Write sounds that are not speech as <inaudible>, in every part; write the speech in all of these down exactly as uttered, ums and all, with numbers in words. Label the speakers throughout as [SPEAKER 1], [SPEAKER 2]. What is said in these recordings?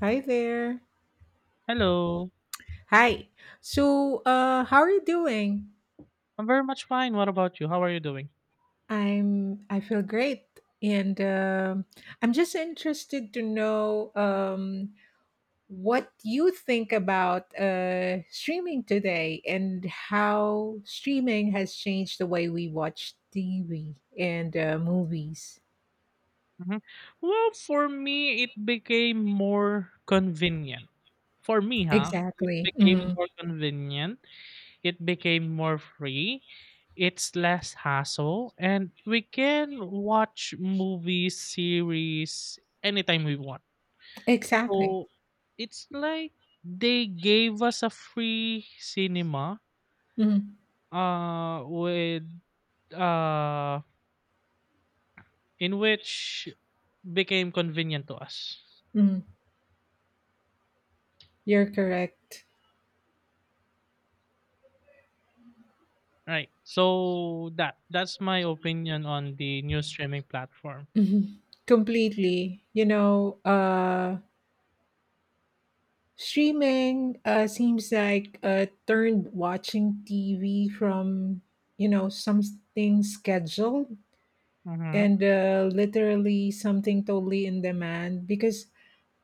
[SPEAKER 1] Hi there.
[SPEAKER 2] Hello.
[SPEAKER 1] Hi. So, uh, how are you doing?
[SPEAKER 2] I'm very much fine. What about you? How are you doing?
[SPEAKER 1] I'm. I feel great, and um I'm just interested to know um, what you think about uh, streaming today and how streaming has changed the way we watch T V and uh, movies.
[SPEAKER 2] hmm Well, for me, it became more convenient. For me, huh? It
[SPEAKER 1] Exactly.
[SPEAKER 2] became
[SPEAKER 1] Mhm.
[SPEAKER 2] more convenient. It became more free. It's less hassle. And we can watch movies, series anytime we want.
[SPEAKER 1] Exactly.
[SPEAKER 2] So it's like they gave us a free cinema
[SPEAKER 1] Mhm.
[SPEAKER 2] uh, with. Uh, in which became convenient to us.
[SPEAKER 1] Mhm. You're correct.
[SPEAKER 2] Right. So that that's my opinion on the new streaming platform.
[SPEAKER 1] Mhm. Completely. You know. Uh, Streaming uh, seems like uh, turned watching T V from, you know, something scheduled
[SPEAKER 2] Mhm.
[SPEAKER 1] and uh, literally something totally in demand because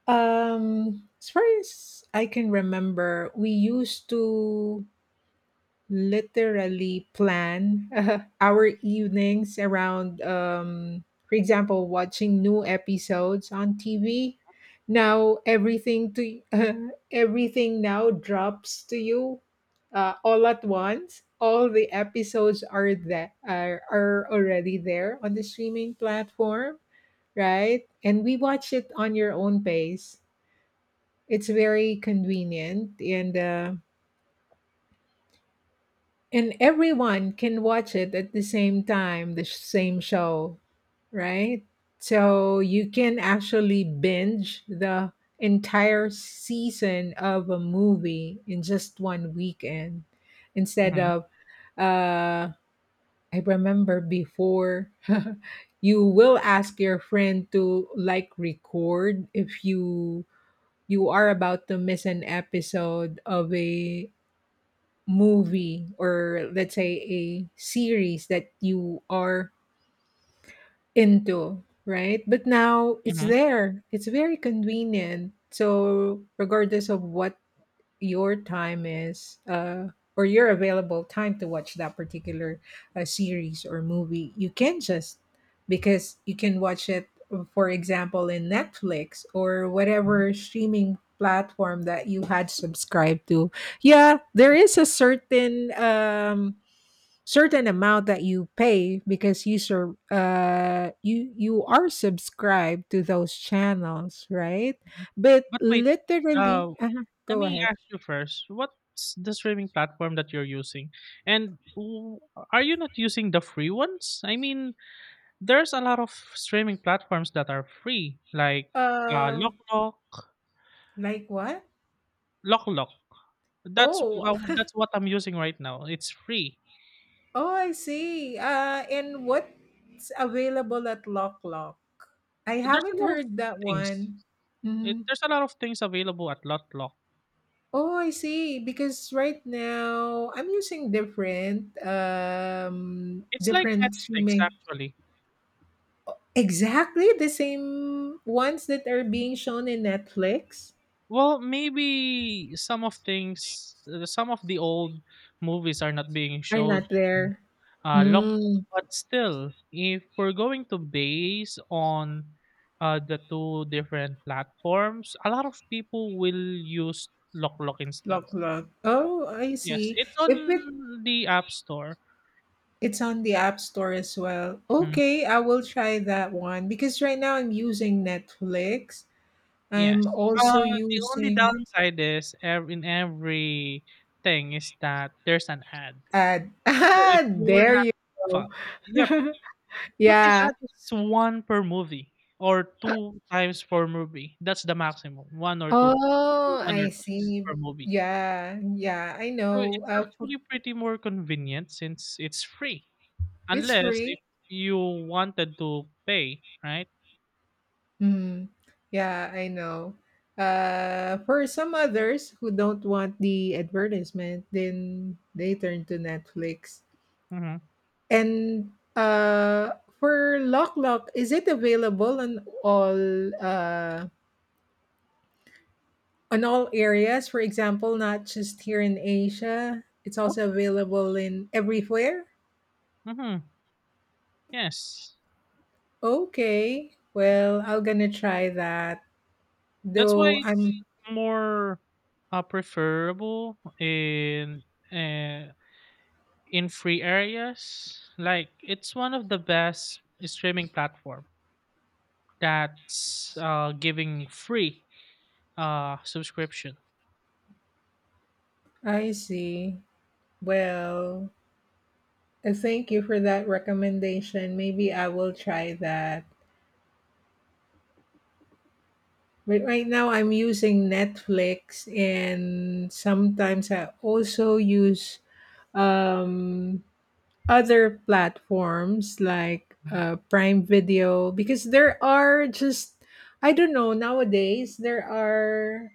[SPEAKER 1] um, as far as I can remember, we used to literally plan <laughs> our evenings around um for example watching new episodes on T V. Now everything to <laughs> everything now drops to you, uh, all at once. All the episodes are that are, are already there on the streaming platform, right? And we watch it on your own pace. It's very convenient, and uh, And everyone can watch it at the same time, the sh- same show, right? So you can actually binge the entire season of a movie in just one weekend instead
[SPEAKER 2] Mhm.
[SPEAKER 1] of uh I remember before <laughs> you will ask your friend to like record if you you are about to miss an episode of a movie, or let's say a series that you are into, right? But now it's
[SPEAKER 2] Mhm.
[SPEAKER 1] there. It's very convenient. So regardless of what your time is, uh or your available time to watch that particular uh, series or movie, you can just, because you can watch it for example in Netflix or
[SPEAKER 2] Mhm.
[SPEAKER 1] whatever streaming platform that you had subscribed to. Yeah, there is a certain um certain amount that you pay because you sur- uh you you are subscribed to those channels, right?
[SPEAKER 2] Mhm.
[SPEAKER 1] But
[SPEAKER 2] But wait,
[SPEAKER 1] literally
[SPEAKER 2] uh
[SPEAKER 1] uh
[SPEAKER 2] let
[SPEAKER 1] go
[SPEAKER 2] me
[SPEAKER 1] ahead.
[SPEAKER 2] ask you first, what's the streaming platform that you're using? And w- are you not using the free ones? I mean, there's a lot of streaming platforms that are free, like uh,
[SPEAKER 1] Uh,
[SPEAKER 2] Locklock,
[SPEAKER 1] like what?
[SPEAKER 2] Locklock. That's
[SPEAKER 1] Oh,
[SPEAKER 2] w- uh, that's what I'm using right now. It's free.
[SPEAKER 1] oh, I see. Uh, and what's available at Lock Lock? I
[SPEAKER 2] There's a
[SPEAKER 1] haven't
[SPEAKER 2] lot of
[SPEAKER 1] heard that
[SPEAKER 2] things.
[SPEAKER 1] one.
[SPEAKER 2] It,
[SPEAKER 1] Hmm.
[SPEAKER 2] there's a lot of things available at Lotlock.
[SPEAKER 1] Oh, I see. Because right now I'm using different, um,
[SPEAKER 2] It's like
[SPEAKER 1] different
[SPEAKER 2] Netflix
[SPEAKER 1] streaming.
[SPEAKER 2] actually.
[SPEAKER 1] Exactly the same ones that are being shown in Netflix
[SPEAKER 2] Well, maybe some of things, uh, some of the old movies are not being
[SPEAKER 1] are
[SPEAKER 2] showed
[SPEAKER 1] not
[SPEAKER 2] in
[SPEAKER 1] there.
[SPEAKER 2] uh, Lotlock,
[SPEAKER 1] Mm,
[SPEAKER 2] but still, if we're going to base on uh, the two different platforms, a lot of people will use Lotlock instead.
[SPEAKER 1] Lock Lock. Oh, I
[SPEAKER 2] Yes,
[SPEAKER 1] see.
[SPEAKER 2] it's
[SPEAKER 1] If it
[SPEAKER 2] on the App Store.
[SPEAKER 1] It's on the App Store as well.
[SPEAKER 2] Mhm.
[SPEAKER 1] Okay, I will try that one because right now I'm using Netflix.
[SPEAKER 2] Yes.
[SPEAKER 1] I'm
[SPEAKER 2] Uh,
[SPEAKER 1] also
[SPEAKER 2] the only
[SPEAKER 1] using
[SPEAKER 2] downside is ev- in every thing is that there's an ad.
[SPEAKER 1] ad. <laughs>
[SPEAKER 2] So
[SPEAKER 1] Ah,
[SPEAKER 2] if you're
[SPEAKER 1] there
[SPEAKER 2] not
[SPEAKER 1] you
[SPEAKER 2] fa
[SPEAKER 1] go.
[SPEAKER 2] yep.
[SPEAKER 1] <laughs>
[SPEAKER 2] But the
[SPEAKER 1] Yeah.
[SPEAKER 2] ad is one per movie or two times per movie. That's the maximum. One or two,
[SPEAKER 1] Oh,
[SPEAKER 2] one
[SPEAKER 1] I
[SPEAKER 2] or twice
[SPEAKER 1] see.
[SPEAKER 2] per movie.
[SPEAKER 1] Yeah, yeah, I
[SPEAKER 2] So
[SPEAKER 1] know.
[SPEAKER 2] it's
[SPEAKER 1] Uh, for —
[SPEAKER 2] actually pretty more convenient since it's free.
[SPEAKER 1] it's
[SPEAKER 2] Unless if
[SPEAKER 1] free.
[SPEAKER 2] you wanted to pay, right?
[SPEAKER 1] Mm, yeah, I know. Uh, for some others who don't want the advertisement, then they turn to Netflix.
[SPEAKER 2] Mm-hmm.
[SPEAKER 1] And uh, for Lock Lock, is it available on all uh, on all areas? For example, not just here in Asia. It's also available in everywhere.
[SPEAKER 2] Mm-hmm. Yes.
[SPEAKER 1] Okay. Well, I'm gonna try that.
[SPEAKER 2] That's why
[SPEAKER 1] Though
[SPEAKER 2] it's
[SPEAKER 1] I'm,
[SPEAKER 2] more uh, preferable in uh, in free areas. Like it's one of the best streaming platform that's uh, giving free uh, subscription.
[SPEAKER 1] I see. Well, uh, thank you for that recommendation. Maybe I will try that. But right now, I'm using Netflix, and sometimes I also use um, other platforms like
[SPEAKER 2] Mhm.
[SPEAKER 1] uh, Prime Video because there are just — I don't know, nowadays there are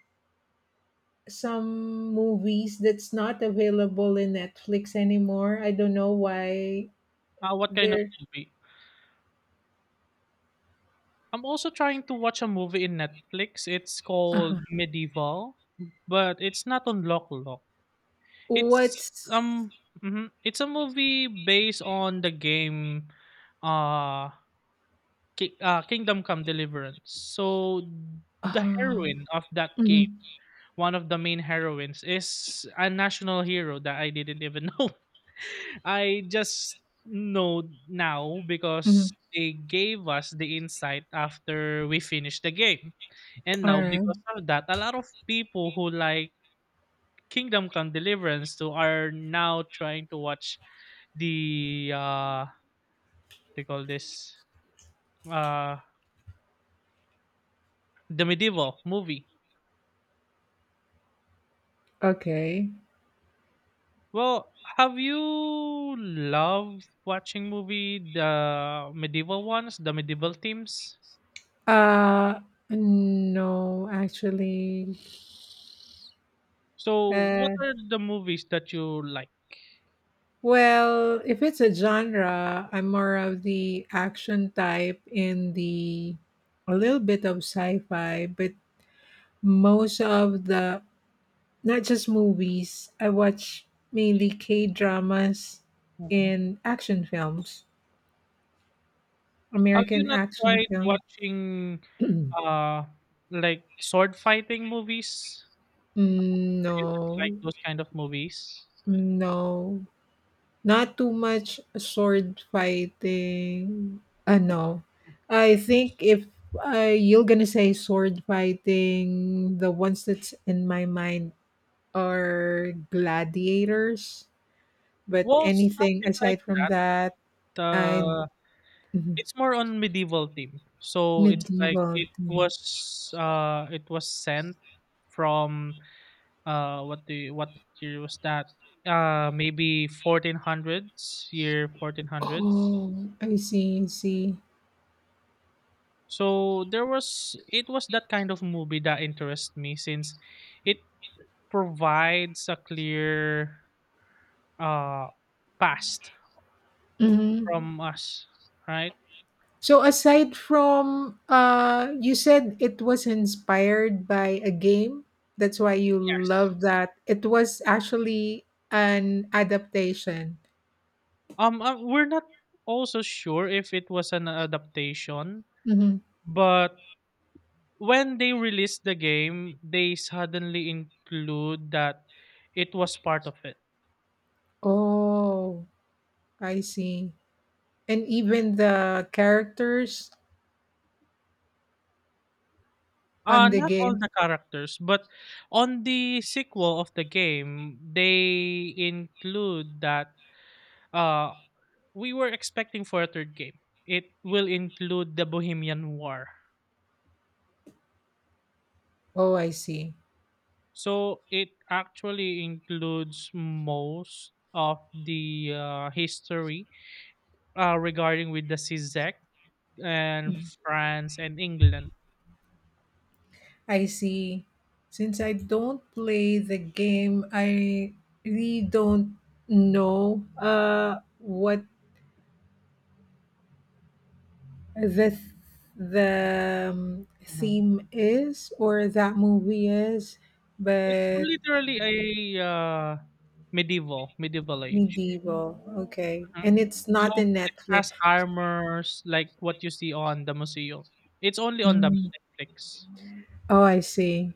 [SPEAKER 1] some movies that's not available in Netflix anymore. I don't know why
[SPEAKER 2] Uh, what kind of
[SPEAKER 1] they're
[SPEAKER 2] movie? I'm also trying to watch a movie in Netflix. It's
[SPEAKER 1] uh
[SPEAKER 2] called Medieval, but it's not on Lock Lock. It's
[SPEAKER 1] what's
[SPEAKER 2] um, mhm, it's a movie based on the game, uh Ki ah, Kingdom Come: Deliverance. So, the
[SPEAKER 1] uh,
[SPEAKER 2] heroine of that game,
[SPEAKER 1] mhm,
[SPEAKER 2] one of the main heroines, is a national hero that I didn't even <laughs> know. I just know now
[SPEAKER 1] mhm.
[SPEAKER 2] because they gave us the insight after we finished the game. And
[SPEAKER 1] All
[SPEAKER 2] now
[SPEAKER 1] right.
[SPEAKER 2] because of that, a lot of people who like Kingdom Come: Deliverance too are now trying to watch the uh they call this uh the medieval movie.
[SPEAKER 1] Okay.
[SPEAKER 2] Well, have you loved watching movie the medieval ones, the medieval themes?
[SPEAKER 1] uh no, actually.
[SPEAKER 2] So, what
[SPEAKER 1] uh
[SPEAKER 2] are the movies that you like?
[SPEAKER 1] Well, if it's a genre, I'm more of the action type, in the a little bit of sci-fi, but most of the — not just movies, I watch mainly K-dramas
[SPEAKER 2] Mhm.
[SPEAKER 1] and action films,
[SPEAKER 2] Have you
[SPEAKER 1] American
[SPEAKER 2] not
[SPEAKER 1] action
[SPEAKER 2] tried
[SPEAKER 1] films.
[SPEAKER 2] watching
[SPEAKER 1] <clears throat>
[SPEAKER 2] uh like sword fighting movies?
[SPEAKER 1] Mm,
[SPEAKER 2] Do you not like
[SPEAKER 1] no.
[SPEAKER 2] those kind of movies?
[SPEAKER 1] No. Not too much sword fighting. Ano, I think if uh, you're gonna say sword fighting, the ones that's in my mind are gladiators. But
[SPEAKER 2] Well,
[SPEAKER 1] anything
[SPEAKER 2] something like
[SPEAKER 1] aside from that,
[SPEAKER 2] that.
[SPEAKER 1] I
[SPEAKER 2] Uh,
[SPEAKER 1] mhm,
[SPEAKER 2] it's more on medieval theme. So it's like
[SPEAKER 1] medieval
[SPEAKER 2] it
[SPEAKER 1] thing.
[SPEAKER 2] was uh it was sent from uh what do you, what year was that, uh maybe fourteen hundreds, year fourteen hundreds.
[SPEAKER 1] Oh, I see, I see.
[SPEAKER 2] So there was it was that kind of movie that interests me since it provides a clear uh past
[SPEAKER 1] Mhm.
[SPEAKER 2] from us, right?
[SPEAKER 1] So aside from uh you said it was inspired by a game. That's why you
[SPEAKER 2] Yes,
[SPEAKER 1] love that. It was actually an adaptation.
[SPEAKER 2] um uh, we're not also sure if it was an adaptation,
[SPEAKER 1] Hmm.
[SPEAKER 2] but when they released the game they suddenly include that it was part of it.
[SPEAKER 1] Oh, I see. And even the characters on
[SPEAKER 2] Uh,
[SPEAKER 1] the
[SPEAKER 2] not all
[SPEAKER 1] game.
[SPEAKER 2] the characters, but on the sequel of the game, they include that uh we were expecting for a third game. It will include the Bohemian War.
[SPEAKER 1] Oh, I see.
[SPEAKER 2] So it actually includes most of the uh, history uh, regarding with the C Z E C and
[SPEAKER 1] Mhm.
[SPEAKER 2] France and England.
[SPEAKER 1] I see. Since I don't play the game, I really don't know uh what the th- the um,
[SPEAKER 2] Mhm.
[SPEAKER 1] theme is or that movie is,
[SPEAKER 2] It's
[SPEAKER 1] but
[SPEAKER 2] literally a uh, medieval medieval age.
[SPEAKER 1] medieval, okay. And it's
[SPEAKER 2] So
[SPEAKER 1] not in
[SPEAKER 2] it
[SPEAKER 1] Netflix.
[SPEAKER 2] has armors like what you see on the museum. It's only on the
[SPEAKER 1] Mm.
[SPEAKER 2] Netflix.
[SPEAKER 1] Oh, I see.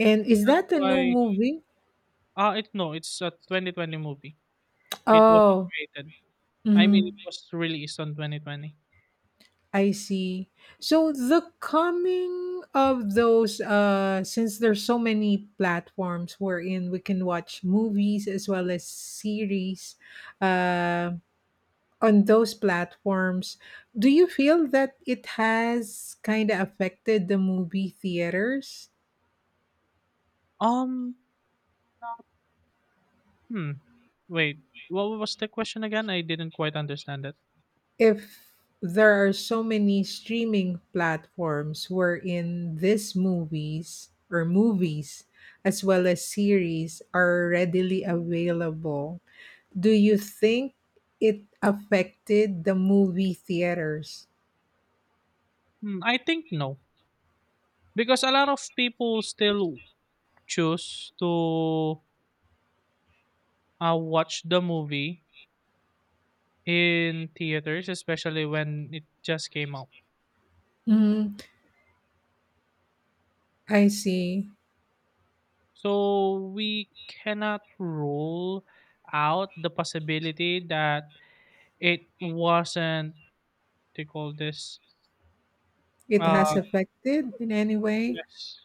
[SPEAKER 1] And is
[SPEAKER 2] That's
[SPEAKER 1] that a new
[SPEAKER 2] why
[SPEAKER 1] movie?
[SPEAKER 2] ah it no, it's a twenty twenty movie. It was
[SPEAKER 1] Oh,
[SPEAKER 2] created. I mean,
[SPEAKER 1] mhm,
[SPEAKER 2] it was released on twenty twenty.
[SPEAKER 1] I see. So the coming of those, uh since there's so many platforms wherein we can watch movies as well as series, uh. on those platforms, do you feel that it has kind of affected the movie theaters?
[SPEAKER 2] Um, no, hmm. wait, what was the question again? I didn't quite understand it.
[SPEAKER 1] If there are so many streaming platforms wherein these movies or movies as well as series are readily available, do you think it affected the movie theaters?
[SPEAKER 2] Hmm, I think no, because a lot of people still choose to uh, watch the movie in theaters, especially when it just came out.
[SPEAKER 1] Mm, I see.
[SPEAKER 2] So we cannot rule out the possibility that it wasn't they call this
[SPEAKER 1] It has
[SPEAKER 2] uh
[SPEAKER 1] affected in any way?
[SPEAKER 2] yes.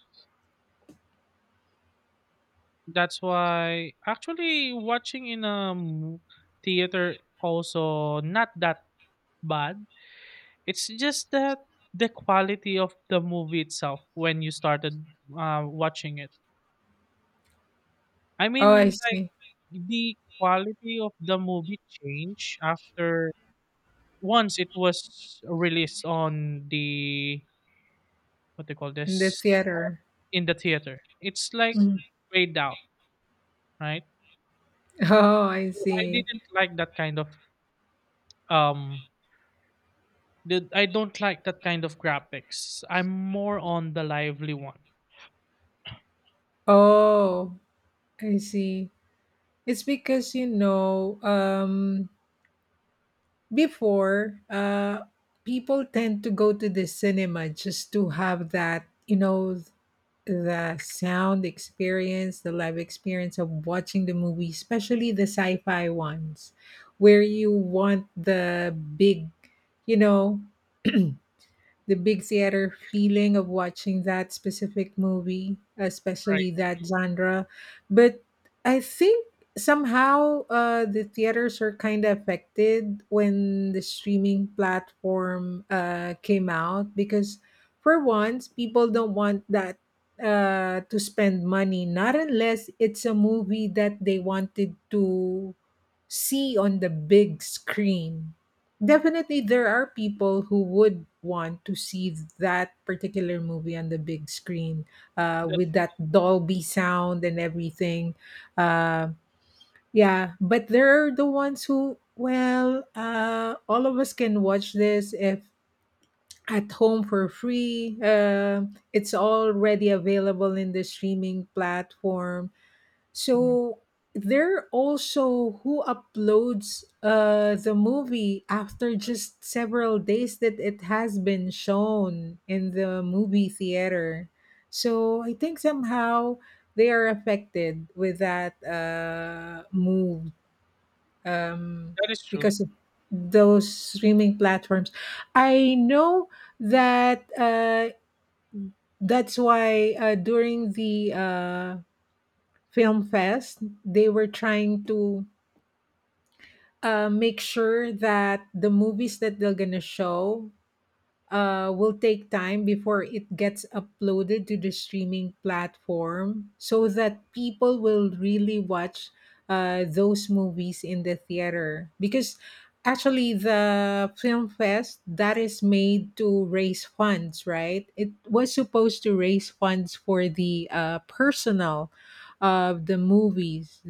[SPEAKER 2] That's why actually watching in a mo- theater also not that bad. It's just that the quality of the movie itself when you started uh, watching it. I
[SPEAKER 1] Oh,
[SPEAKER 2] mean
[SPEAKER 1] I
[SPEAKER 2] like
[SPEAKER 1] see.
[SPEAKER 2] the quality of the movie changed after. Once it was released on the what they call
[SPEAKER 1] In the
[SPEAKER 2] this on-
[SPEAKER 1] theater.
[SPEAKER 2] in the theater. It's like
[SPEAKER 1] <laughs> Mm.
[SPEAKER 2] grayed out, right?
[SPEAKER 1] Oh, I
[SPEAKER 2] So I
[SPEAKER 1] see.
[SPEAKER 2] didn't like that kind of um the, I don't like that kind of graphics. I'm more on the lively one,
[SPEAKER 1] Oh, I see. It's because, you know, um, before, uh, people tend to go to the cinema just to have that, you know, the sound experience, the live experience of watching the movie, especially the sci-fi ones, where you want the big, you know. the big theater feeling of watching that specific movie,
[SPEAKER 2] right?
[SPEAKER 1] especially that genre. But I think somehow uh, the theaters are kind of affected when the streaming platform uh, came out because, for once, people don't want that uh, to spend money, not unless it's a movie that they wanted to see on the big screen. Definitely, there are people who would want to see that particular movie on the big screen uh,
[SPEAKER 2] That's,
[SPEAKER 1] with that Dolby sound and everything. Uh, yeah, but there are the ones who, well, uh, all of us can watch this if at home for free. Uh, it's already available in the streaming platform.
[SPEAKER 2] mhm.
[SPEAKER 1] So they're also who uploads uh, the movie after just several days that it has been shown in the movie theater. So I think somehow they are affected with that uh, move um,
[SPEAKER 2] That is true.
[SPEAKER 1] because of those streaming platforms. I know that uh, that's why uh, during the uh, film fest they were trying to uh, make sure that the movies that they're gonna show uh, will take time before it gets uploaded to the streaming platform so that people will really watch uh, those movies in the theater, because actually the film fest that is made to raise funds, right, it was supposed to raise funds for the uh, personnel of the movies,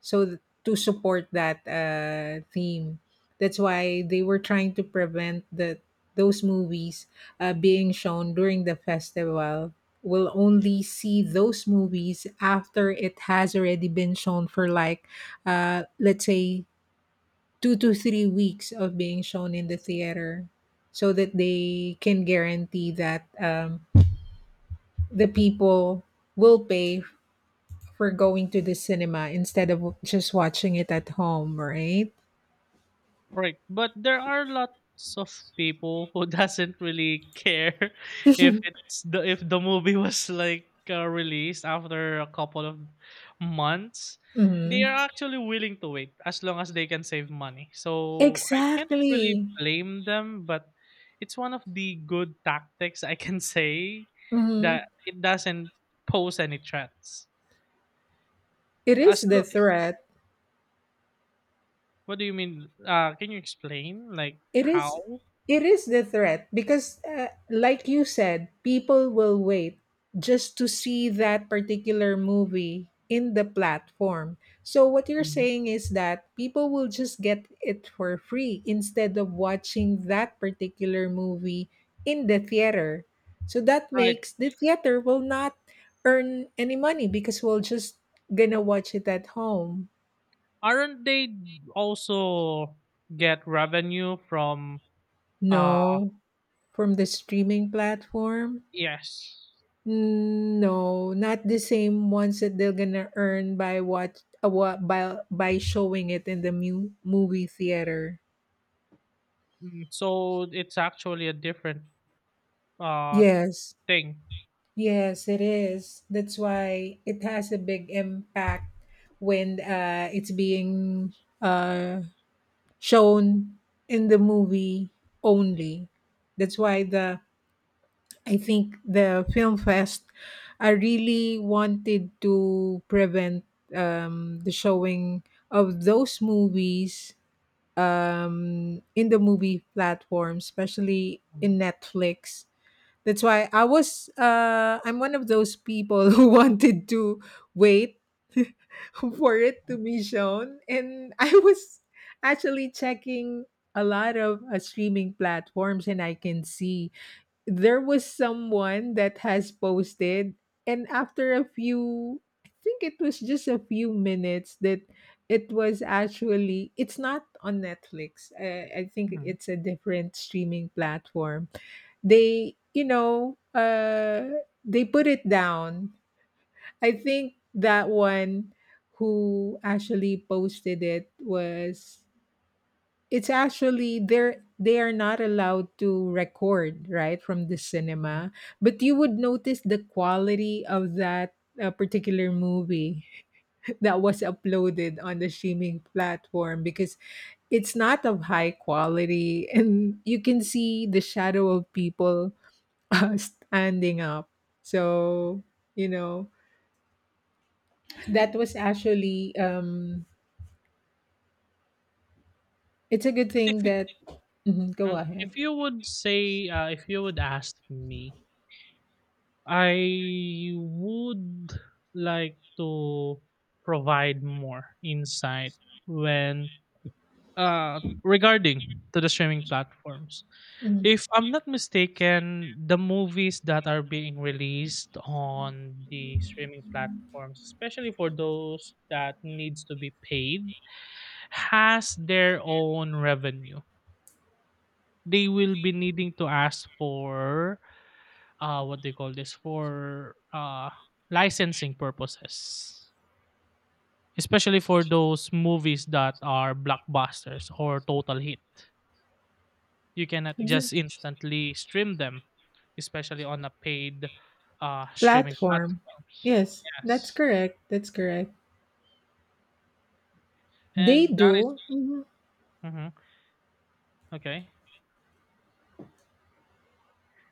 [SPEAKER 1] so th- to support that uh, theme. That's why they were trying to prevent the those movies uh, being shown during the festival. We will only see those movies after it has already been shown for like uh, let's say two to three weeks of being shown in the theater, so that they can guarantee that um, the people will pay for going to the cinema instead of just watching it at home, right?
[SPEAKER 2] Right, but there are lots of people who <laughs> doesn't really care <laughs> if it's the if the movie was like uh, released after a couple of months. They are
[SPEAKER 1] Mhm.
[SPEAKER 2] actually willing to wait as long as they can save money. So I can't really
[SPEAKER 1] Exactly.
[SPEAKER 2] blame them, but it's one of the good tactics I can <laughs> say that
[SPEAKER 1] Mhm.
[SPEAKER 2] it doesn't pose any threats.
[SPEAKER 1] It is
[SPEAKER 2] As lo-
[SPEAKER 1] the threat.
[SPEAKER 2] what do you mean? Uh, can you explain like
[SPEAKER 1] It is
[SPEAKER 2] how?
[SPEAKER 1] it is the threat because uh, like you said, people will wait just to see that particular movie in the platform. So what you're
[SPEAKER 2] Mhm.
[SPEAKER 1] saying is that people will just get it for free instead of watching that particular movie in the theater. So that
[SPEAKER 2] Right.
[SPEAKER 1] makes the theater will not earn any money because we'll just gonna watch it at home.
[SPEAKER 2] Aren't they also get revenue from uh
[SPEAKER 1] No, from the streaming platform.
[SPEAKER 2] yes.
[SPEAKER 1] Mm, no, not the same ones that they're gonna earn by what uh, what by by showing it in the mu- movie theater.
[SPEAKER 2] Mm, so it's actually a different uh
[SPEAKER 1] Yes,
[SPEAKER 2] thing.
[SPEAKER 1] yes, it is. That's why it has a big impact when uh, it's being uh, shown in the movie only. That's why the I think the film fest. I really wanted to prevent um, the showing of those movies, um, in the movie platform, especially
[SPEAKER 2] Mm,
[SPEAKER 1] in Netflix. That's why I was. Uh, I'm one of those people <laughs> who wanted to wait <laughs> for it to be shown, and I was actually checking a lot of uh, streaming platforms, and I can see there was someone that has posted, and after a few — I think it was just a few minutes — that it was actually, it's not on Netflix, i, I think
[SPEAKER 2] mhm,
[SPEAKER 1] it's a different streaming platform. They, you know uh they put it down. I think that one who actually posted it was — it's actually, they're they are not allowed to record right from the
[SPEAKER 2] mhm.
[SPEAKER 1] cinema, but you would notice the quality of that uh, particular movie <laughs> that was uploaded on the streaming platform, because it's not of high quality <laughs> and you can see the shadow of people <laughs> uh, standing up. So you know, that was actually um it's a good
[SPEAKER 2] But
[SPEAKER 1] thing
[SPEAKER 2] if you
[SPEAKER 1] that — mhm, go
[SPEAKER 2] mm,
[SPEAKER 1] ahead.
[SPEAKER 2] if you would say uh, if you would ask me, I would like to provide more insight when uh regarding to the streaming platforms.
[SPEAKER 1] Mhm.
[SPEAKER 2] If I'm not mistaken, the movies that are being released on the streaming platforms, especially for those that needs to be paid, has their own revenue. They will be needing to ask for uh what they call this for uh licensing purposes. Especially for those movies that are blockbusters or total hit. You cannot just instantly stream them, especially on a paid uh, streaming
[SPEAKER 1] Platform.
[SPEAKER 2] platforms.
[SPEAKER 1] Yes, that's
[SPEAKER 2] Yes,
[SPEAKER 1] correct. That's correct. They
[SPEAKER 2] and that is-
[SPEAKER 1] do. Mhm.
[SPEAKER 2] mhm, okay,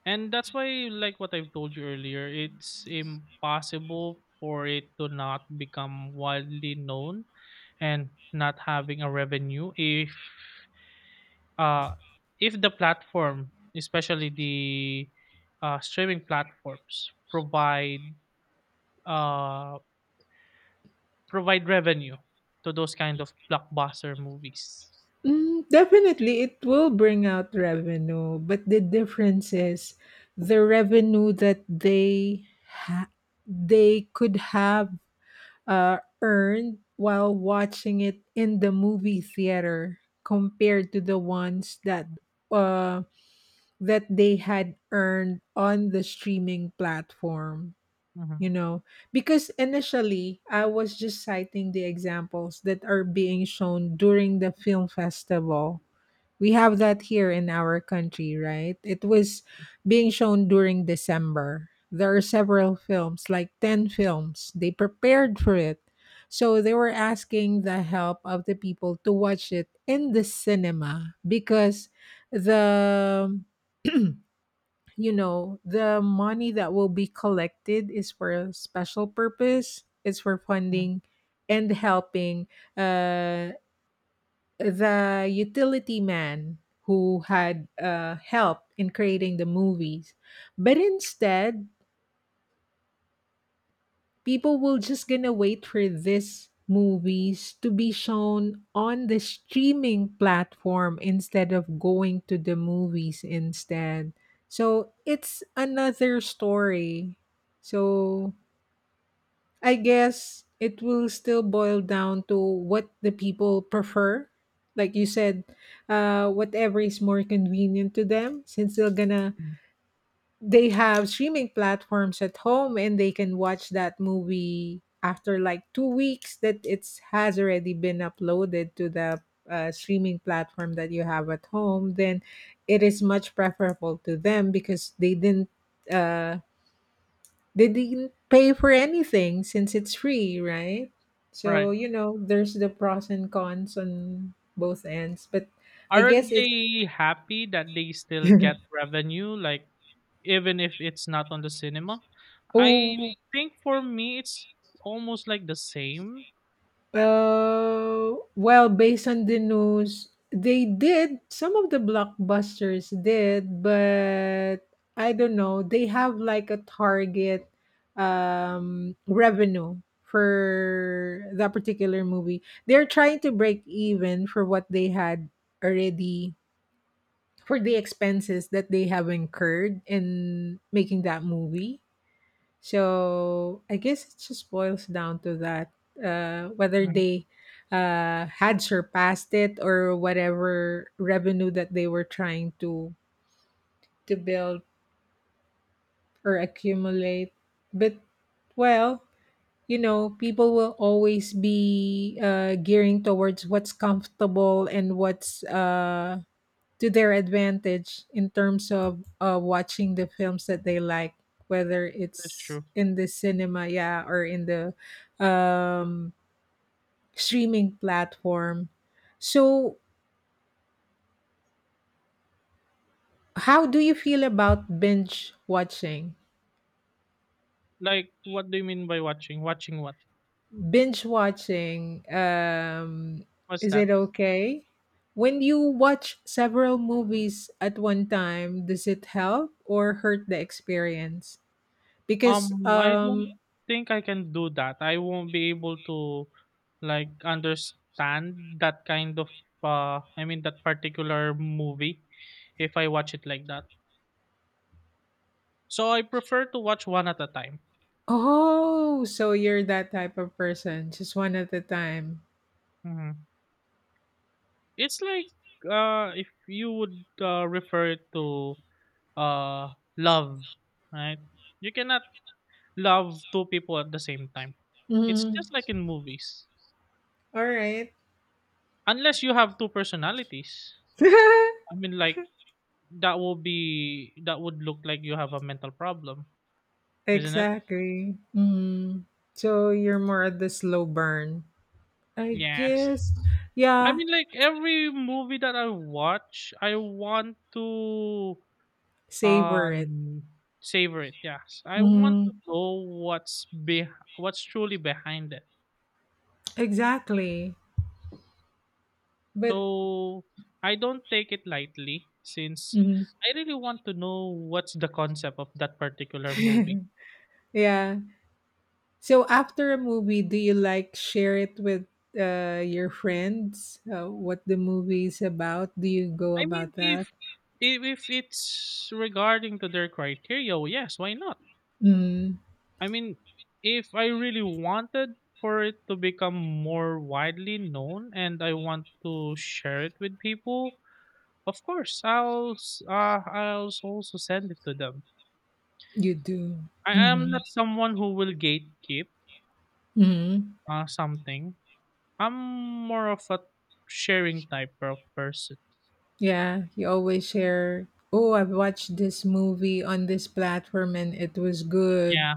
[SPEAKER 2] and that's why, like what I've told you earlier, it's impossible for it to not become widely known and not having a revenue if uh if the platform, especially the uh, streaming platforms, provide uh Provide revenue to those kind of blockbuster movies.
[SPEAKER 1] Mm, definitely, it will bring out revenue, but the difference is the revenue that they ha- they could have uh, earned while watching it in the movie theater compared to the ones that
[SPEAKER 2] Mm,
[SPEAKER 1] uh, that they had earned on the streaming platform. You
[SPEAKER 2] mhm,
[SPEAKER 1] know, because initially I was just citing the examples that are being shown during the film festival. We have that here in our country, right? It was being shown during December. There are several films, like ten films, they prepared for it. So they were asking the help of the people to watch it in the cinema, because the you know, the money that will be collected is for a special purpose. It's for
[SPEAKER 2] mhm,
[SPEAKER 1] funding and helping uh, the utility man who had uh, help in creating the movies. But instead, people will just gonna wait for these movies to be shown on the streaming platform instead of going to the movies instead, so it's another story. So I guess it will still boil down to what the people prefer, like you said, uh whatever is more convenient to them, since they're gonna,
[SPEAKER 2] mhm.
[SPEAKER 1] they have streaming platforms at home and they can watch that movie after like two weeks that it has already been uploaded to the uh, streaming platform that you have at home. Then it is much preferable to them because they didn't uh, they didn't pay for anything since it's free, right? So
[SPEAKER 2] Right.
[SPEAKER 1] you know there's the pros and cons on both ends. But I guess
[SPEAKER 2] Aren't
[SPEAKER 1] it's
[SPEAKER 2] they happy that they still get
[SPEAKER 1] <laughs>
[SPEAKER 2] revenue, like, even if it's not on the cinema? I
[SPEAKER 1] Oh.
[SPEAKER 2] think for me, it's almost like the same.
[SPEAKER 1] Uh, well, based on the news, they did. Some of the blockbusters did, but I don't know. They have like a target um, revenue for that particular movie. They're trying to break even for what they had already, for the expenses that they have incurred in making that movie. So I guess it just boils down to that, uh, whether
[SPEAKER 2] Mhm,
[SPEAKER 1] they uh, had surpassed it, or whatever revenue that they were trying to to build or accumulate. But well, you know, people will always be uh, gearing towards what's comfortable and what's uh, to their advantage in terms of uh, watching the films that they like, whether
[SPEAKER 2] that's
[SPEAKER 1] it's
[SPEAKER 2] true.
[SPEAKER 1] in the cinema, yeah, or in the um, streaming platform. So, how do you feel about binge watching?
[SPEAKER 2] Like, what do you mean by watching? Watching what?
[SPEAKER 1] Binge watching, um,
[SPEAKER 2] What's
[SPEAKER 1] is
[SPEAKER 2] that?
[SPEAKER 1] it okay? When you watch several movies at one time, does it help or hurt the experience? Because
[SPEAKER 2] Um, I don't
[SPEAKER 1] um,
[SPEAKER 2] think I can do that. I won't be able to like understand that kind of uh I mean that particular movie if I watch it like that. So I prefer to watch one at a time.
[SPEAKER 1] Oh, so you're that type of person, just one at a time.
[SPEAKER 2] hmm It's like uh if you would uh, refer it to uh love, right? You cannot love two people at the same time. It's
[SPEAKER 1] Mm.
[SPEAKER 2] just like in movies.
[SPEAKER 1] All right.
[SPEAKER 2] Unless you have two personalities. I
[SPEAKER 1] <laughs>
[SPEAKER 2] mean like That will be, that would look like you have a mental problem, isn't it?
[SPEAKER 1] Exactly. Mm. So you're more at the slow burn, I
[SPEAKER 2] Yes.
[SPEAKER 1] guess,
[SPEAKER 2] I
[SPEAKER 1] yeah,
[SPEAKER 2] mean, like every movie that I watch, I want to
[SPEAKER 1] savor it.
[SPEAKER 2] um savor it. Yes, I want to
[SPEAKER 1] Mm.
[SPEAKER 2] know what's be what's truly behind it.
[SPEAKER 1] Exactly. But
[SPEAKER 2] So I don't take it lightly since
[SPEAKER 1] mm.
[SPEAKER 2] I really want to know what's the concept of that particular movie.
[SPEAKER 1] Yeah. So after a movie, do you like share it with uh, your friends? Uh, what the movie is about? Do you go
[SPEAKER 2] I mean,
[SPEAKER 1] about that?
[SPEAKER 2] if if, if it's regarding to their criteria, well, yes, why not?
[SPEAKER 1] Mm,
[SPEAKER 2] I mean, if I really wanted for it to become more widely known and I want to share it with people, of course, I'll s- uh, I'll s- also send it to them.
[SPEAKER 1] you do.
[SPEAKER 2] I am not someone who will gatekeep
[SPEAKER 1] Mhm.
[SPEAKER 2] uh, something. I'm more of a sharing type of person.
[SPEAKER 1] Yeah, you always share, "Oh, I've watched this movie on this platform and it was good."
[SPEAKER 2] Yeah.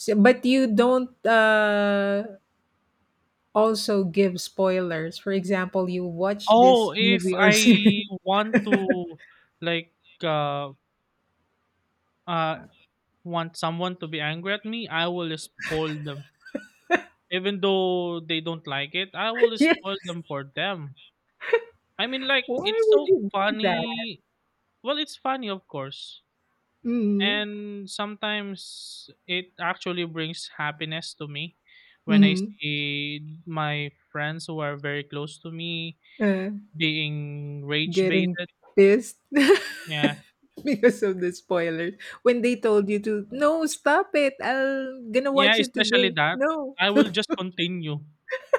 [SPEAKER 1] So, but you don't uh also give spoilers. For example, you watch this
[SPEAKER 2] Oh, if
[SPEAKER 1] movie or
[SPEAKER 2] I
[SPEAKER 1] series.
[SPEAKER 2] want to like uh uh want someone to be angry at me, I will spoil them. Even though they don't like it, I will
[SPEAKER 1] <laughs> Yeah,
[SPEAKER 2] spoil them for them. I mean, like,
[SPEAKER 1] why
[SPEAKER 2] it's
[SPEAKER 1] would
[SPEAKER 2] so
[SPEAKER 1] you do that?
[SPEAKER 2] funny. Well, it's funny, of course.
[SPEAKER 1] Mhm.
[SPEAKER 2] And sometimes it actually brings happiness to me when I
[SPEAKER 1] Mhm.
[SPEAKER 2] see my friends who are very close to me
[SPEAKER 1] Uh,
[SPEAKER 2] being rage
[SPEAKER 1] getting
[SPEAKER 2] baited.
[SPEAKER 1] pissed.
[SPEAKER 2] Yeah.
[SPEAKER 1] <laughs> Because of the spoilers when they told you to, "No, stop it. I'm gonna
[SPEAKER 2] Yeah,
[SPEAKER 1] watch it
[SPEAKER 2] especially
[SPEAKER 1] today."
[SPEAKER 2] that.
[SPEAKER 1] No.
[SPEAKER 2] I will just continue.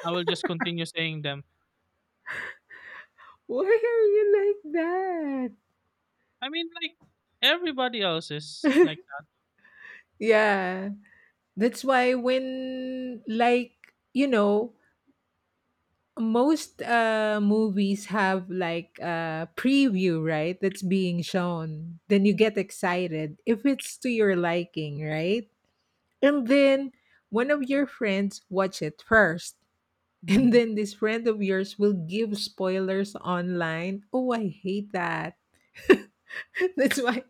[SPEAKER 2] I will just continue saying them.
[SPEAKER 1] Why are you like that?
[SPEAKER 2] I mean, like, everybody else is like that.
[SPEAKER 1] Yeah. That's why when, like, you know, most uh movies have like a preview, right? That's being shown. Then you get excited if it's to your liking, right? And then one of your friends watch it first. <laughs> And
[SPEAKER 2] hmm
[SPEAKER 1] then this friend of yours will give spoilers online. Oh, I hate that. <laughs> That's why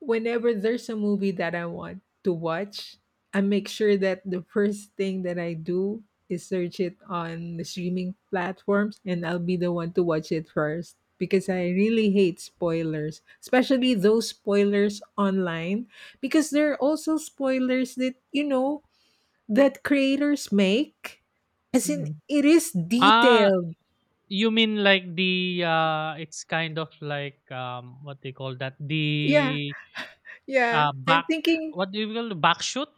[SPEAKER 1] whenever there's a movie that I want to watch, I make sure that the first thing that I do is search it on the streaming platforms, and I'll be the one to watch it first because I really hate spoilers, especially those spoilers online, because there are also spoilers that, you know, that creators make, as in
[SPEAKER 2] hmm
[SPEAKER 1] it is
[SPEAKER 2] Ah,
[SPEAKER 1] detailed.
[SPEAKER 2] you mean like the uh it's kind of like um what they call that?
[SPEAKER 1] Yeah,
[SPEAKER 2] The
[SPEAKER 1] yeah.
[SPEAKER 2] uh
[SPEAKER 1] I'm
[SPEAKER 2] back
[SPEAKER 1] thinking
[SPEAKER 2] what do you call the back shoot?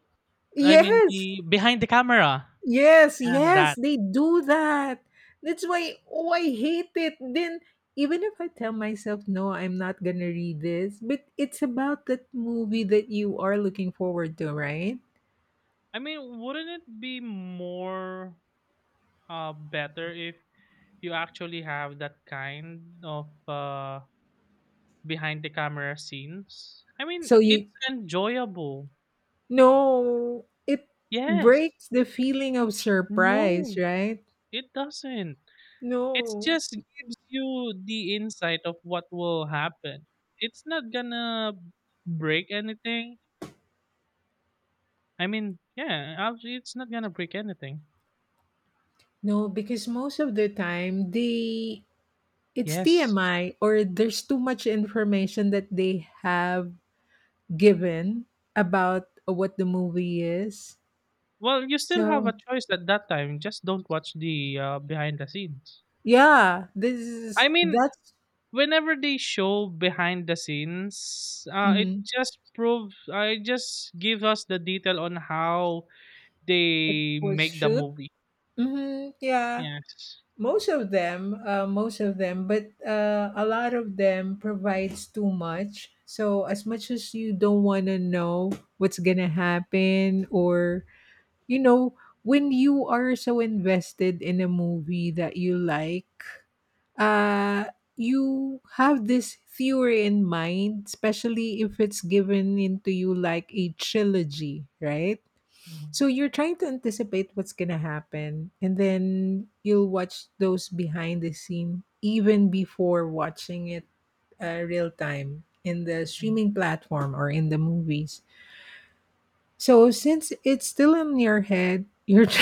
[SPEAKER 2] I mean
[SPEAKER 1] Yes.
[SPEAKER 2] the behind the camera.
[SPEAKER 1] Yes,
[SPEAKER 2] As
[SPEAKER 1] yes,
[SPEAKER 2] that.
[SPEAKER 1] they do that. That's why, oh, I hate it. Then even if I tell myself no, I'm not gonna read this, but it's about that movie that you are looking forward to, right?
[SPEAKER 2] I mean, wouldn't it be more uh better if you actually have that kind of uh behind the camera scenes? I mean,
[SPEAKER 1] So you
[SPEAKER 2] it's enjoyable.
[SPEAKER 1] No, it
[SPEAKER 2] Yes.
[SPEAKER 1] breaks the feeling of surprise,
[SPEAKER 2] No,
[SPEAKER 1] right?
[SPEAKER 2] it doesn't. It
[SPEAKER 1] No.
[SPEAKER 2] just gives you the insight of what will happen. It's not gonna break anything. I mean, yeah, actually, it's not gonna break anything.
[SPEAKER 1] No, because most of the time they it's
[SPEAKER 2] Yes.
[SPEAKER 1] T M I, or there's too much information that they have given about what the movie is.
[SPEAKER 2] Well, you still have
[SPEAKER 1] So
[SPEAKER 2] a choice at that time. Just don't watch the uh, behind the scenes.
[SPEAKER 1] yeah, this is
[SPEAKER 2] I mean,
[SPEAKER 1] that's
[SPEAKER 2] whenever they show behind the scenes, uh, it
[SPEAKER 1] Mhm,
[SPEAKER 2] just proves, uh, it just gives us the detail on how
[SPEAKER 1] it
[SPEAKER 2] they
[SPEAKER 1] was
[SPEAKER 2] make the
[SPEAKER 1] shoot.
[SPEAKER 2] movie.
[SPEAKER 1] Hmm, yeah,
[SPEAKER 2] Yes.
[SPEAKER 1] most of them, uh, most of them, but uh, a lot of them provides too much. So as much as you don't want to know what's gonna happen, or you know, when you are so invested in a movie that you like, uh, you have this theory in mind, especially if it's given into you like a trilogy, right?
[SPEAKER 2] Mhm.
[SPEAKER 1] So you're trying to anticipate what's gonna happen, and then you'll watch those behind the scene even before watching it uh, real time in the streaming platform or in the movies. So since it's still in your head, you're <laughs>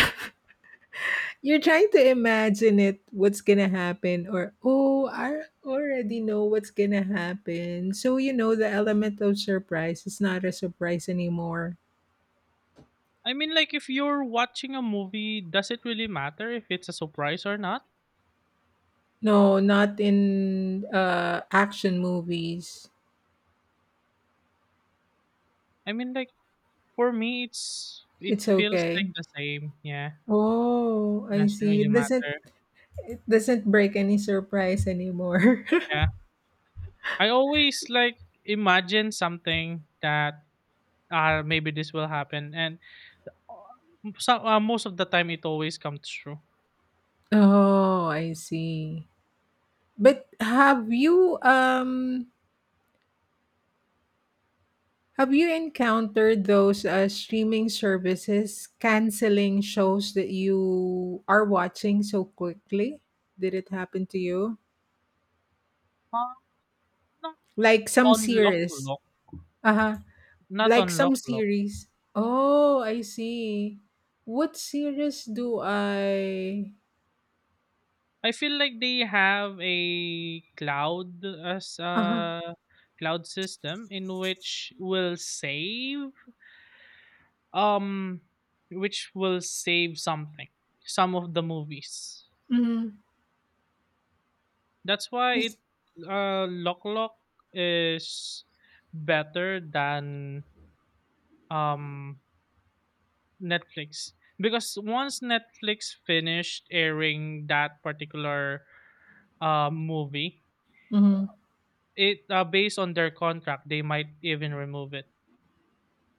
[SPEAKER 1] you're trying to imagine it, what's gonna happen, or oh, I already know what's gonna happen. So you know the element of surprise is not a surprise anymore.
[SPEAKER 2] I mean, like, if you're watching a movie, does it really matter if it's a surprise or not?
[SPEAKER 1] No, not in uh action movies.
[SPEAKER 2] I mean, like, for me, it's it
[SPEAKER 1] It's
[SPEAKER 2] feels
[SPEAKER 1] okay.
[SPEAKER 2] like the same. Yeah,
[SPEAKER 1] Oh, I
[SPEAKER 2] doesn't
[SPEAKER 1] see.
[SPEAKER 2] really
[SPEAKER 1] It doesn't,
[SPEAKER 2] matter.
[SPEAKER 1] it doesn't break any surprise anymore.
[SPEAKER 2] Yeah, I always like imagine something that uh maybe this will happen, and uh, so, uh, most of the time it always comes true.
[SPEAKER 1] <laughs> Oh, I see. But have you um Have you encountered those uh, streaming services canceling shows that you are watching so quickly? Did it happen to you?
[SPEAKER 2] Uh, not
[SPEAKER 1] Like some
[SPEAKER 2] on lock
[SPEAKER 1] series.
[SPEAKER 2] lock,
[SPEAKER 1] Uh-huh.
[SPEAKER 2] not
[SPEAKER 1] Like
[SPEAKER 2] on
[SPEAKER 1] some
[SPEAKER 2] lock.
[SPEAKER 1] series. Oh, I see. What series do I.
[SPEAKER 2] I feel like they have a cloud as
[SPEAKER 1] Uh-huh.
[SPEAKER 2] a cloud system in which will save um which will save something, some of the movies.
[SPEAKER 1] Mm-hmm.
[SPEAKER 2] That's why
[SPEAKER 1] Yes.
[SPEAKER 2] it uh Lock Lock is better than um Netflix, because once Netflix finished airing that particular uh movie,
[SPEAKER 1] Mm-hmm.
[SPEAKER 2] It uh, based on their contract, they might even remove it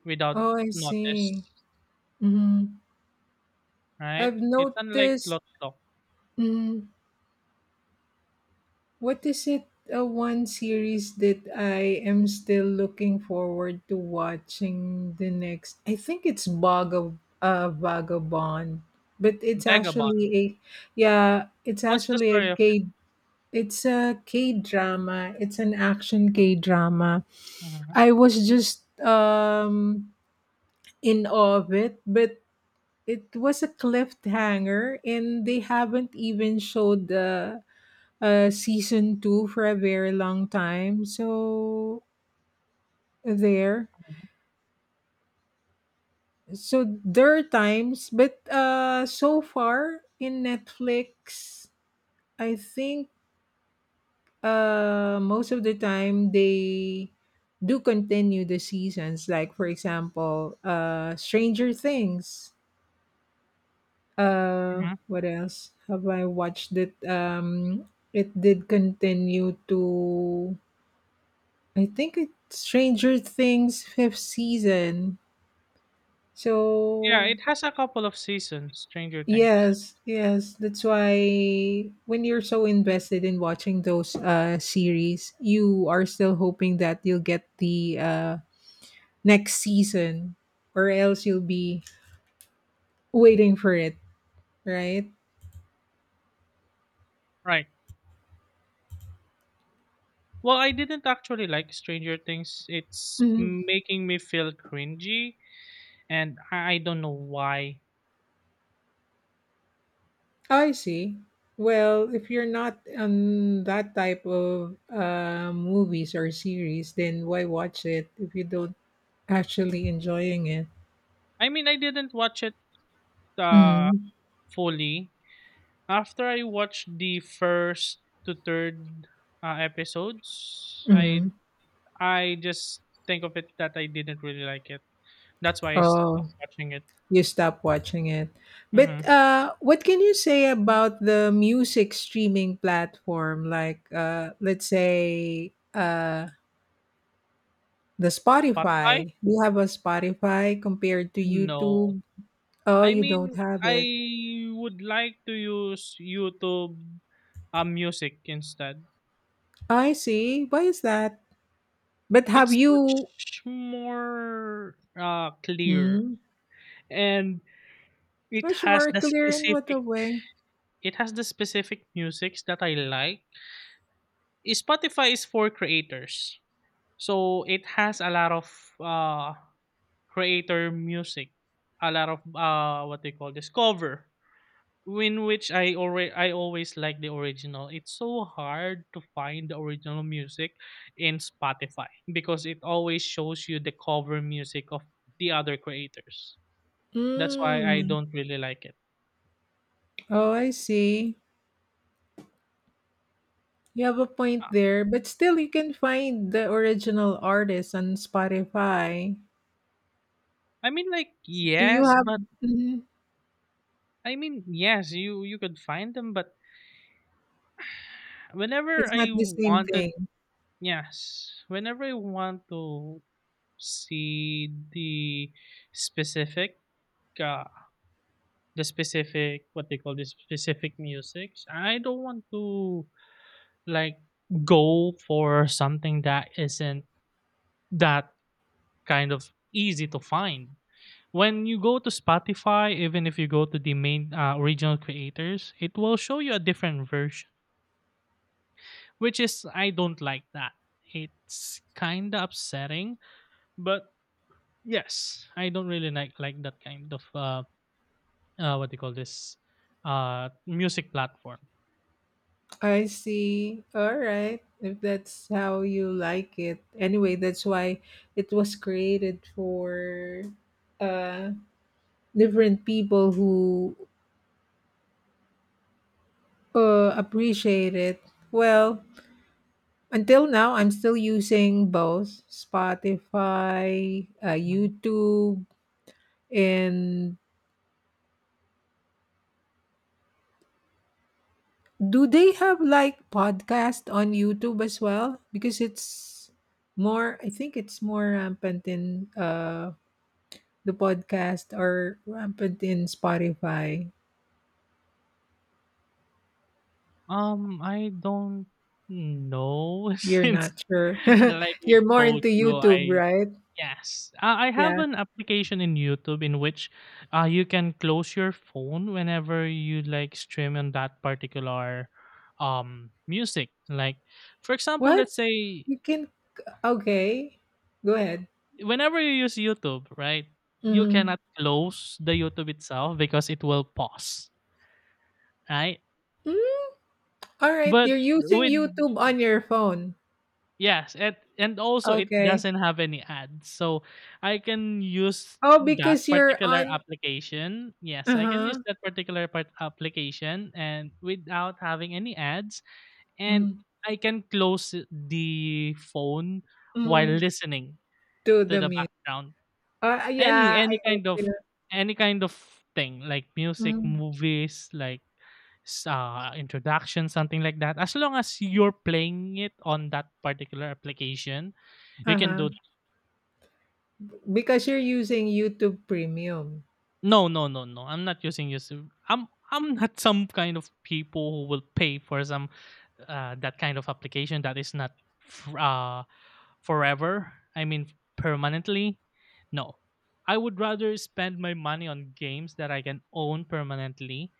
[SPEAKER 2] without
[SPEAKER 1] Oh, I see.
[SPEAKER 2] notice,
[SPEAKER 1] Mm-hmm.
[SPEAKER 2] right?
[SPEAKER 1] I've
[SPEAKER 2] It's unlike
[SPEAKER 1] noticed
[SPEAKER 2] Lotlo,
[SPEAKER 1] mm. What is it, uh, one series that I am still looking forward to watching the next? I think it's Vaga, uh, Vagabond, but it's
[SPEAKER 2] Vagabond.
[SPEAKER 1] actually a, yeah, it's
[SPEAKER 2] What's the
[SPEAKER 1] actually a
[SPEAKER 2] story of it?
[SPEAKER 1] K. It's a K drama. It's an action K drama.
[SPEAKER 2] Mhm,
[SPEAKER 1] I was just um in awe of it, but it was a cliffhanger, and they haven't even showed the uh, season two for a very long time. So there,
[SPEAKER 2] mhm,
[SPEAKER 1] so there are times, but uh, so far in Netflix, I think uh, most of the time they do continue the seasons. Like for example, uh, Stranger Things. Uh,
[SPEAKER 2] mhm.
[SPEAKER 1] what else have I watched that um it did continue to, I think it's Stranger Things fifth season.
[SPEAKER 2] Yeah,
[SPEAKER 1] So
[SPEAKER 2] it has a couple of seasons. Stranger Things,
[SPEAKER 1] yes, yes, that's why when you're so invested in watching those uh series, you are still hoping that you'll get the uh next season, or else you'll be waiting for it, right?
[SPEAKER 2] right? Well, I didn't actually like Stranger Things. It's
[SPEAKER 1] Mhm.
[SPEAKER 2] making me feel cringy, and I I don't know why.
[SPEAKER 1] I see. Well, if you're not on that type of uh, movies or series, then why watch it if you don't actually enjoying it?
[SPEAKER 2] I mean, I didn't watch it uh,
[SPEAKER 1] Mhm,
[SPEAKER 2] fully. After I watched the first to third uh, episodes, I
[SPEAKER 1] mhm.
[SPEAKER 2] I just think of it that I didn't really like it. That's why I
[SPEAKER 1] Oh,
[SPEAKER 2] stopped watching it.
[SPEAKER 1] you stop watching it. But
[SPEAKER 2] Mhm.
[SPEAKER 1] uh, what can you say about the music streaming platform? Like, uh, let's say uh, the
[SPEAKER 2] Spotify?
[SPEAKER 1] Spotify. Do you have a Spotify compared to
[SPEAKER 2] No.
[SPEAKER 1] YouTube? Oh,
[SPEAKER 2] I
[SPEAKER 1] you don't
[SPEAKER 2] mean,
[SPEAKER 1] have
[SPEAKER 2] I
[SPEAKER 1] it.
[SPEAKER 2] would like to use YouTube, uh, music instead.
[SPEAKER 1] I see. Why is that? But have
[SPEAKER 2] It's much
[SPEAKER 1] you?
[SPEAKER 2] more, uh, clear,
[SPEAKER 1] Hmm,
[SPEAKER 2] and it
[SPEAKER 1] much
[SPEAKER 2] has
[SPEAKER 1] more
[SPEAKER 2] the
[SPEAKER 1] clear in what
[SPEAKER 2] specific
[SPEAKER 1] a way.
[SPEAKER 2] it has the specific musics that I like. Eh, Spotify is for creators. So it has a lot of, uh creator music, a lot of uh what they call this, cover, in which I already I always like the original. It's so hard to find the original music in Spotify because it always shows you the cover music of the other creators. That's why I
[SPEAKER 1] Mm.
[SPEAKER 2] don't really like it.
[SPEAKER 1] Oh, I see. You have a point
[SPEAKER 2] Uh,
[SPEAKER 1] there, but still you can find the original artist on Spotify.
[SPEAKER 2] I mean like
[SPEAKER 1] Do you
[SPEAKER 2] yes,
[SPEAKER 1] have.
[SPEAKER 2] but
[SPEAKER 1] Mhm.
[SPEAKER 2] I mean yes, you you could find them, but whenever
[SPEAKER 1] It's not
[SPEAKER 2] I
[SPEAKER 1] the same
[SPEAKER 2] wanted
[SPEAKER 1] thing.
[SPEAKER 2] yes, whenever I want to see the specific uh, the specific what they call the specific music. I don't want to like go for something that isn't that kind of easy to find. When you go to Spotify, even if you go to the main uh, original creators, it will show you a different version, which is I don't like that. It's kind of upsetting, but yes, I don't really like like that kind of uh, uh, what do you call this uh music platform.
[SPEAKER 1] I see. All right. If that's how you like it. Anyway, that's why it was created for uh different people who uh appreciate it. Well, until now I'm still using both Spotify, uh,
[SPEAKER 2] Mhm.
[SPEAKER 1] YouTube, and. Do they have like podcast on YouTube as well? Because it's more, I think it's more rampant in uh, the podcast, or rampant in Spotify.
[SPEAKER 2] um I don't know. <laughs>
[SPEAKER 1] You're
[SPEAKER 2] Since
[SPEAKER 1] not sure. <laughs>
[SPEAKER 2] like
[SPEAKER 1] You're
[SPEAKER 2] I've
[SPEAKER 1] more
[SPEAKER 2] told
[SPEAKER 1] into
[SPEAKER 2] you
[SPEAKER 1] YouTube,
[SPEAKER 2] I—
[SPEAKER 1] right?
[SPEAKER 2] yes, uh, I have
[SPEAKER 1] Yeah.
[SPEAKER 2] an application in YouTube in which uh you can close your phone whenever you like stream on that particular um music. Like, for example,
[SPEAKER 1] What?
[SPEAKER 2] let's say,
[SPEAKER 1] You can. Okay. Go
[SPEAKER 2] uh,
[SPEAKER 1] ahead.
[SPEAKER 2] whenever you use YouTube, right, you
[SPEAKER 1] Mm-hmm.
[SPEAKER 2] cannot close the YouTube itself because it will pause, right?
[SPEAKER 1] Mm-hmm. All right.
[SPEAKER 2] But
[SPEAKER 1] You're using
[SPEAKER 2] with—
[SPEAKER 1] YouTube on your phone.
[SPEAKER 2] yes, and and also it
[SPEAKER 1] Okay.
[SPEAKER 2] doesn't have any ads. So I can use
[SPEAKER 1] Oh,
[SPEAKER 2] that
[SPEAKER 1] because you're
[SPEAKER 2] particular
[SPEAKER 1] on.
[SPEAKER 2] application. Yes,
[SPEAKER 1] Uh
[SPEAKER 2] I can use
[SPEAKER 1] huh.
[SPEAKER 2] that particular part application, and without having any ads, and I can close the phone while
[SPEAKER 1] Mm-hmm.
[SPEAKER 2] listening
[SPEAKER 1] To
[SPEAKER 2] to
[SPEAKER 1] the
[SPEAKER 2] the
[SPEAKER 1] music.
[SPEAKER 2] background.
[SPEAKER 1] Uh,
[SPEAKER 2] Any
[SPEAKER 1] yeah, I
[SPEAKER 2] any
[SPEAKER 1] get
[SPEAKER 2] kind of
[SPEAKER 1] you.
[SPEAKER 2] any kind of thing like music,
[SPEAKER 1] Mm.
[SPEAKER 2] movies, like s- uh, introduction, something like that. As long as you're playing it on that particular application, you can
[SPEAKER 1] Uh-huh.
[SPEAKER 2] do.
[SPEAKER 1] Because you're using YouTube Premium.
[SPEAKER 2] No, no, no, no. I'm not using YouTube. I'm I'm not <laughs> some kind of people who will pay for some uh, that kind of application that is not f- uh, forever. I mean permanently. No, I would rather spend my money on games that I can own permanently,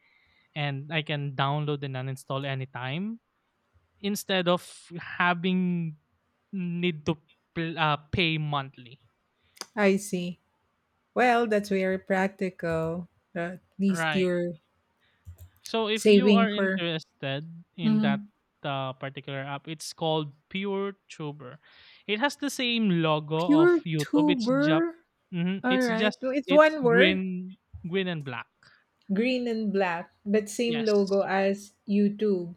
[SPEAKER 2] and I can download and uninstall anytime, instead of having need to pl- uh, pay monthly.
[SPEAKER 1] I see. Well, that's very practical. At least
[SPEAKER 2] Right.
[SPEAKER 1] you're
[SPEAKER 2] So if you
[SPEAKER 1] saving
[SPEAKER 2] are
[SPEAKER 1] for.
[SPEAKER 2] interested in that
[SPEAKER 1] Mhm.
[SPEAKER 2] uh, particular app, it's called PureTuber. It has the same logo of
[SPEAKER 1] Pure
[SPEAKER 2] YouTube. It's just—
[SPEAKER 1] tuber.
[SPEAKER 2] hmm
[SPEAKER 1] All
[SPEAKER 2] it's
[SPEAKER 1] right.
[SPEAKER 2] just—
[SPEAKER 1] Well, it's
[SPEAKER 2] it's
[SPEAKER 1] one word,
[SPEAKER 2] green green and black.
[SPEAKER 1] green and black, but same
[SPEAKER 2] Yes.
[SPEAKER 1] logo as YouTube.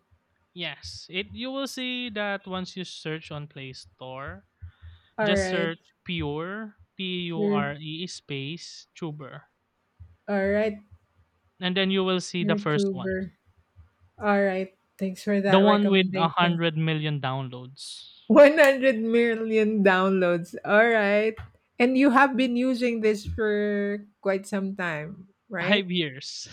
[SPEAKER 2] Yes. It— you will see that once you search on Play Store,
[SPEAKER 1] All
[SPEAKER 2] just
[SPEAKER 1] right.
[SPEAKER 2] search Pure, P U
[SPEAKER 1] Pure.
[SPEAKER 2] R E, space, Tuber.
[SPEAKER 1] All right.
[SPEAKER 2] And then you will see the
[SPEAKER 1] Pure
[SPEAKER 2] first one,
[SPEAKER 1] tuber. All right. Thanks for
[SPEAKER 2] the
[SPEAKER 1] that
[SPEAKER 2] one with a
[SPEAKER 1] recommendation.
[SPEAKER 2] hundred million downloads.
[SPEAKER 1] one hundred million downloads. All right. And you have been using this for quite some time, right?
[SPEAKER 2] Five years.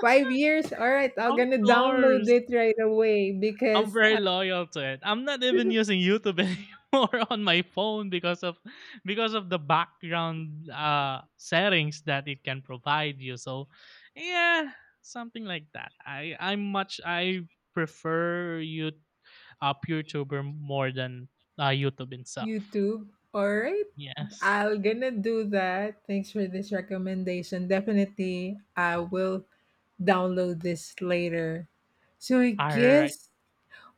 [SPEAKER 1] Five years. All right.
[SPEAKER 2] <laughs>
[SPEAKER 1] I'm
[SPEAKER 2] Of
[SPEAKER 1] going to download
[SPEAKER 2] course.
[SPEAKER 1] it right away
[SPEAKER 2] I'm
[SPEAKER 1] because
[SPEAKER 2] very
[SPEAKER 1] I'm.
[SPEAKER 2] loyal to it. I'm not even using YouTube <laughs> anymore on my phone because of— because of the background uh, settings that it can provide you. So, yeah, something like that. I I'm much I prefer you uh, PureTuber more than uh, YouTube itself.
[SPEAKER 1] YouTube. All right.
[SPEAKER 2] Yes.
[SPEAKER 1] I'll gonna do that. Thanks for this recommendation. Definitely, I will download this later. So I
[SPEAKER 2] All right.
[SPEAKER 1] guess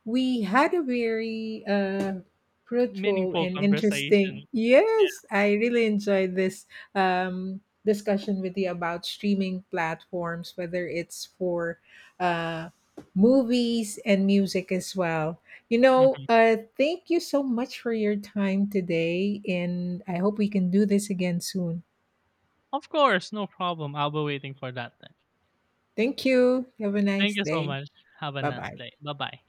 [SPEAKER 1] we had a very uh, fruitful
[SPEAKER 2] Meaningful
[SPEAKER 1] and interesting,
[SPEAKER 2] conversation.
[SPEAKER 1] yes, I really enjoyed this um, discussion with you about streaming platforms, whether it's for uh, movies and music as well. You
[SPEAKER 2] Yeah.
[SPEAKER 1] know,
[SPEAKER 2] Mhm.
[SPEAKER 1] uh, thank you so much for your time today, and I hope we can do this again soon.
[SPEAKER 2] Of course, no problem. I'll be waiting for that then.
[SPEAKER 1] Thank you, have a nice
[SPEAKER 2] Thank you so
[SPEAKER 1] day.
[SPEAKER 2] much. Have a
[SPEAKER 1] Bye
[SPEAKER 2] nice
[SPEAKER 1] bye.
[SPEAKER 2] day. Bye-bye.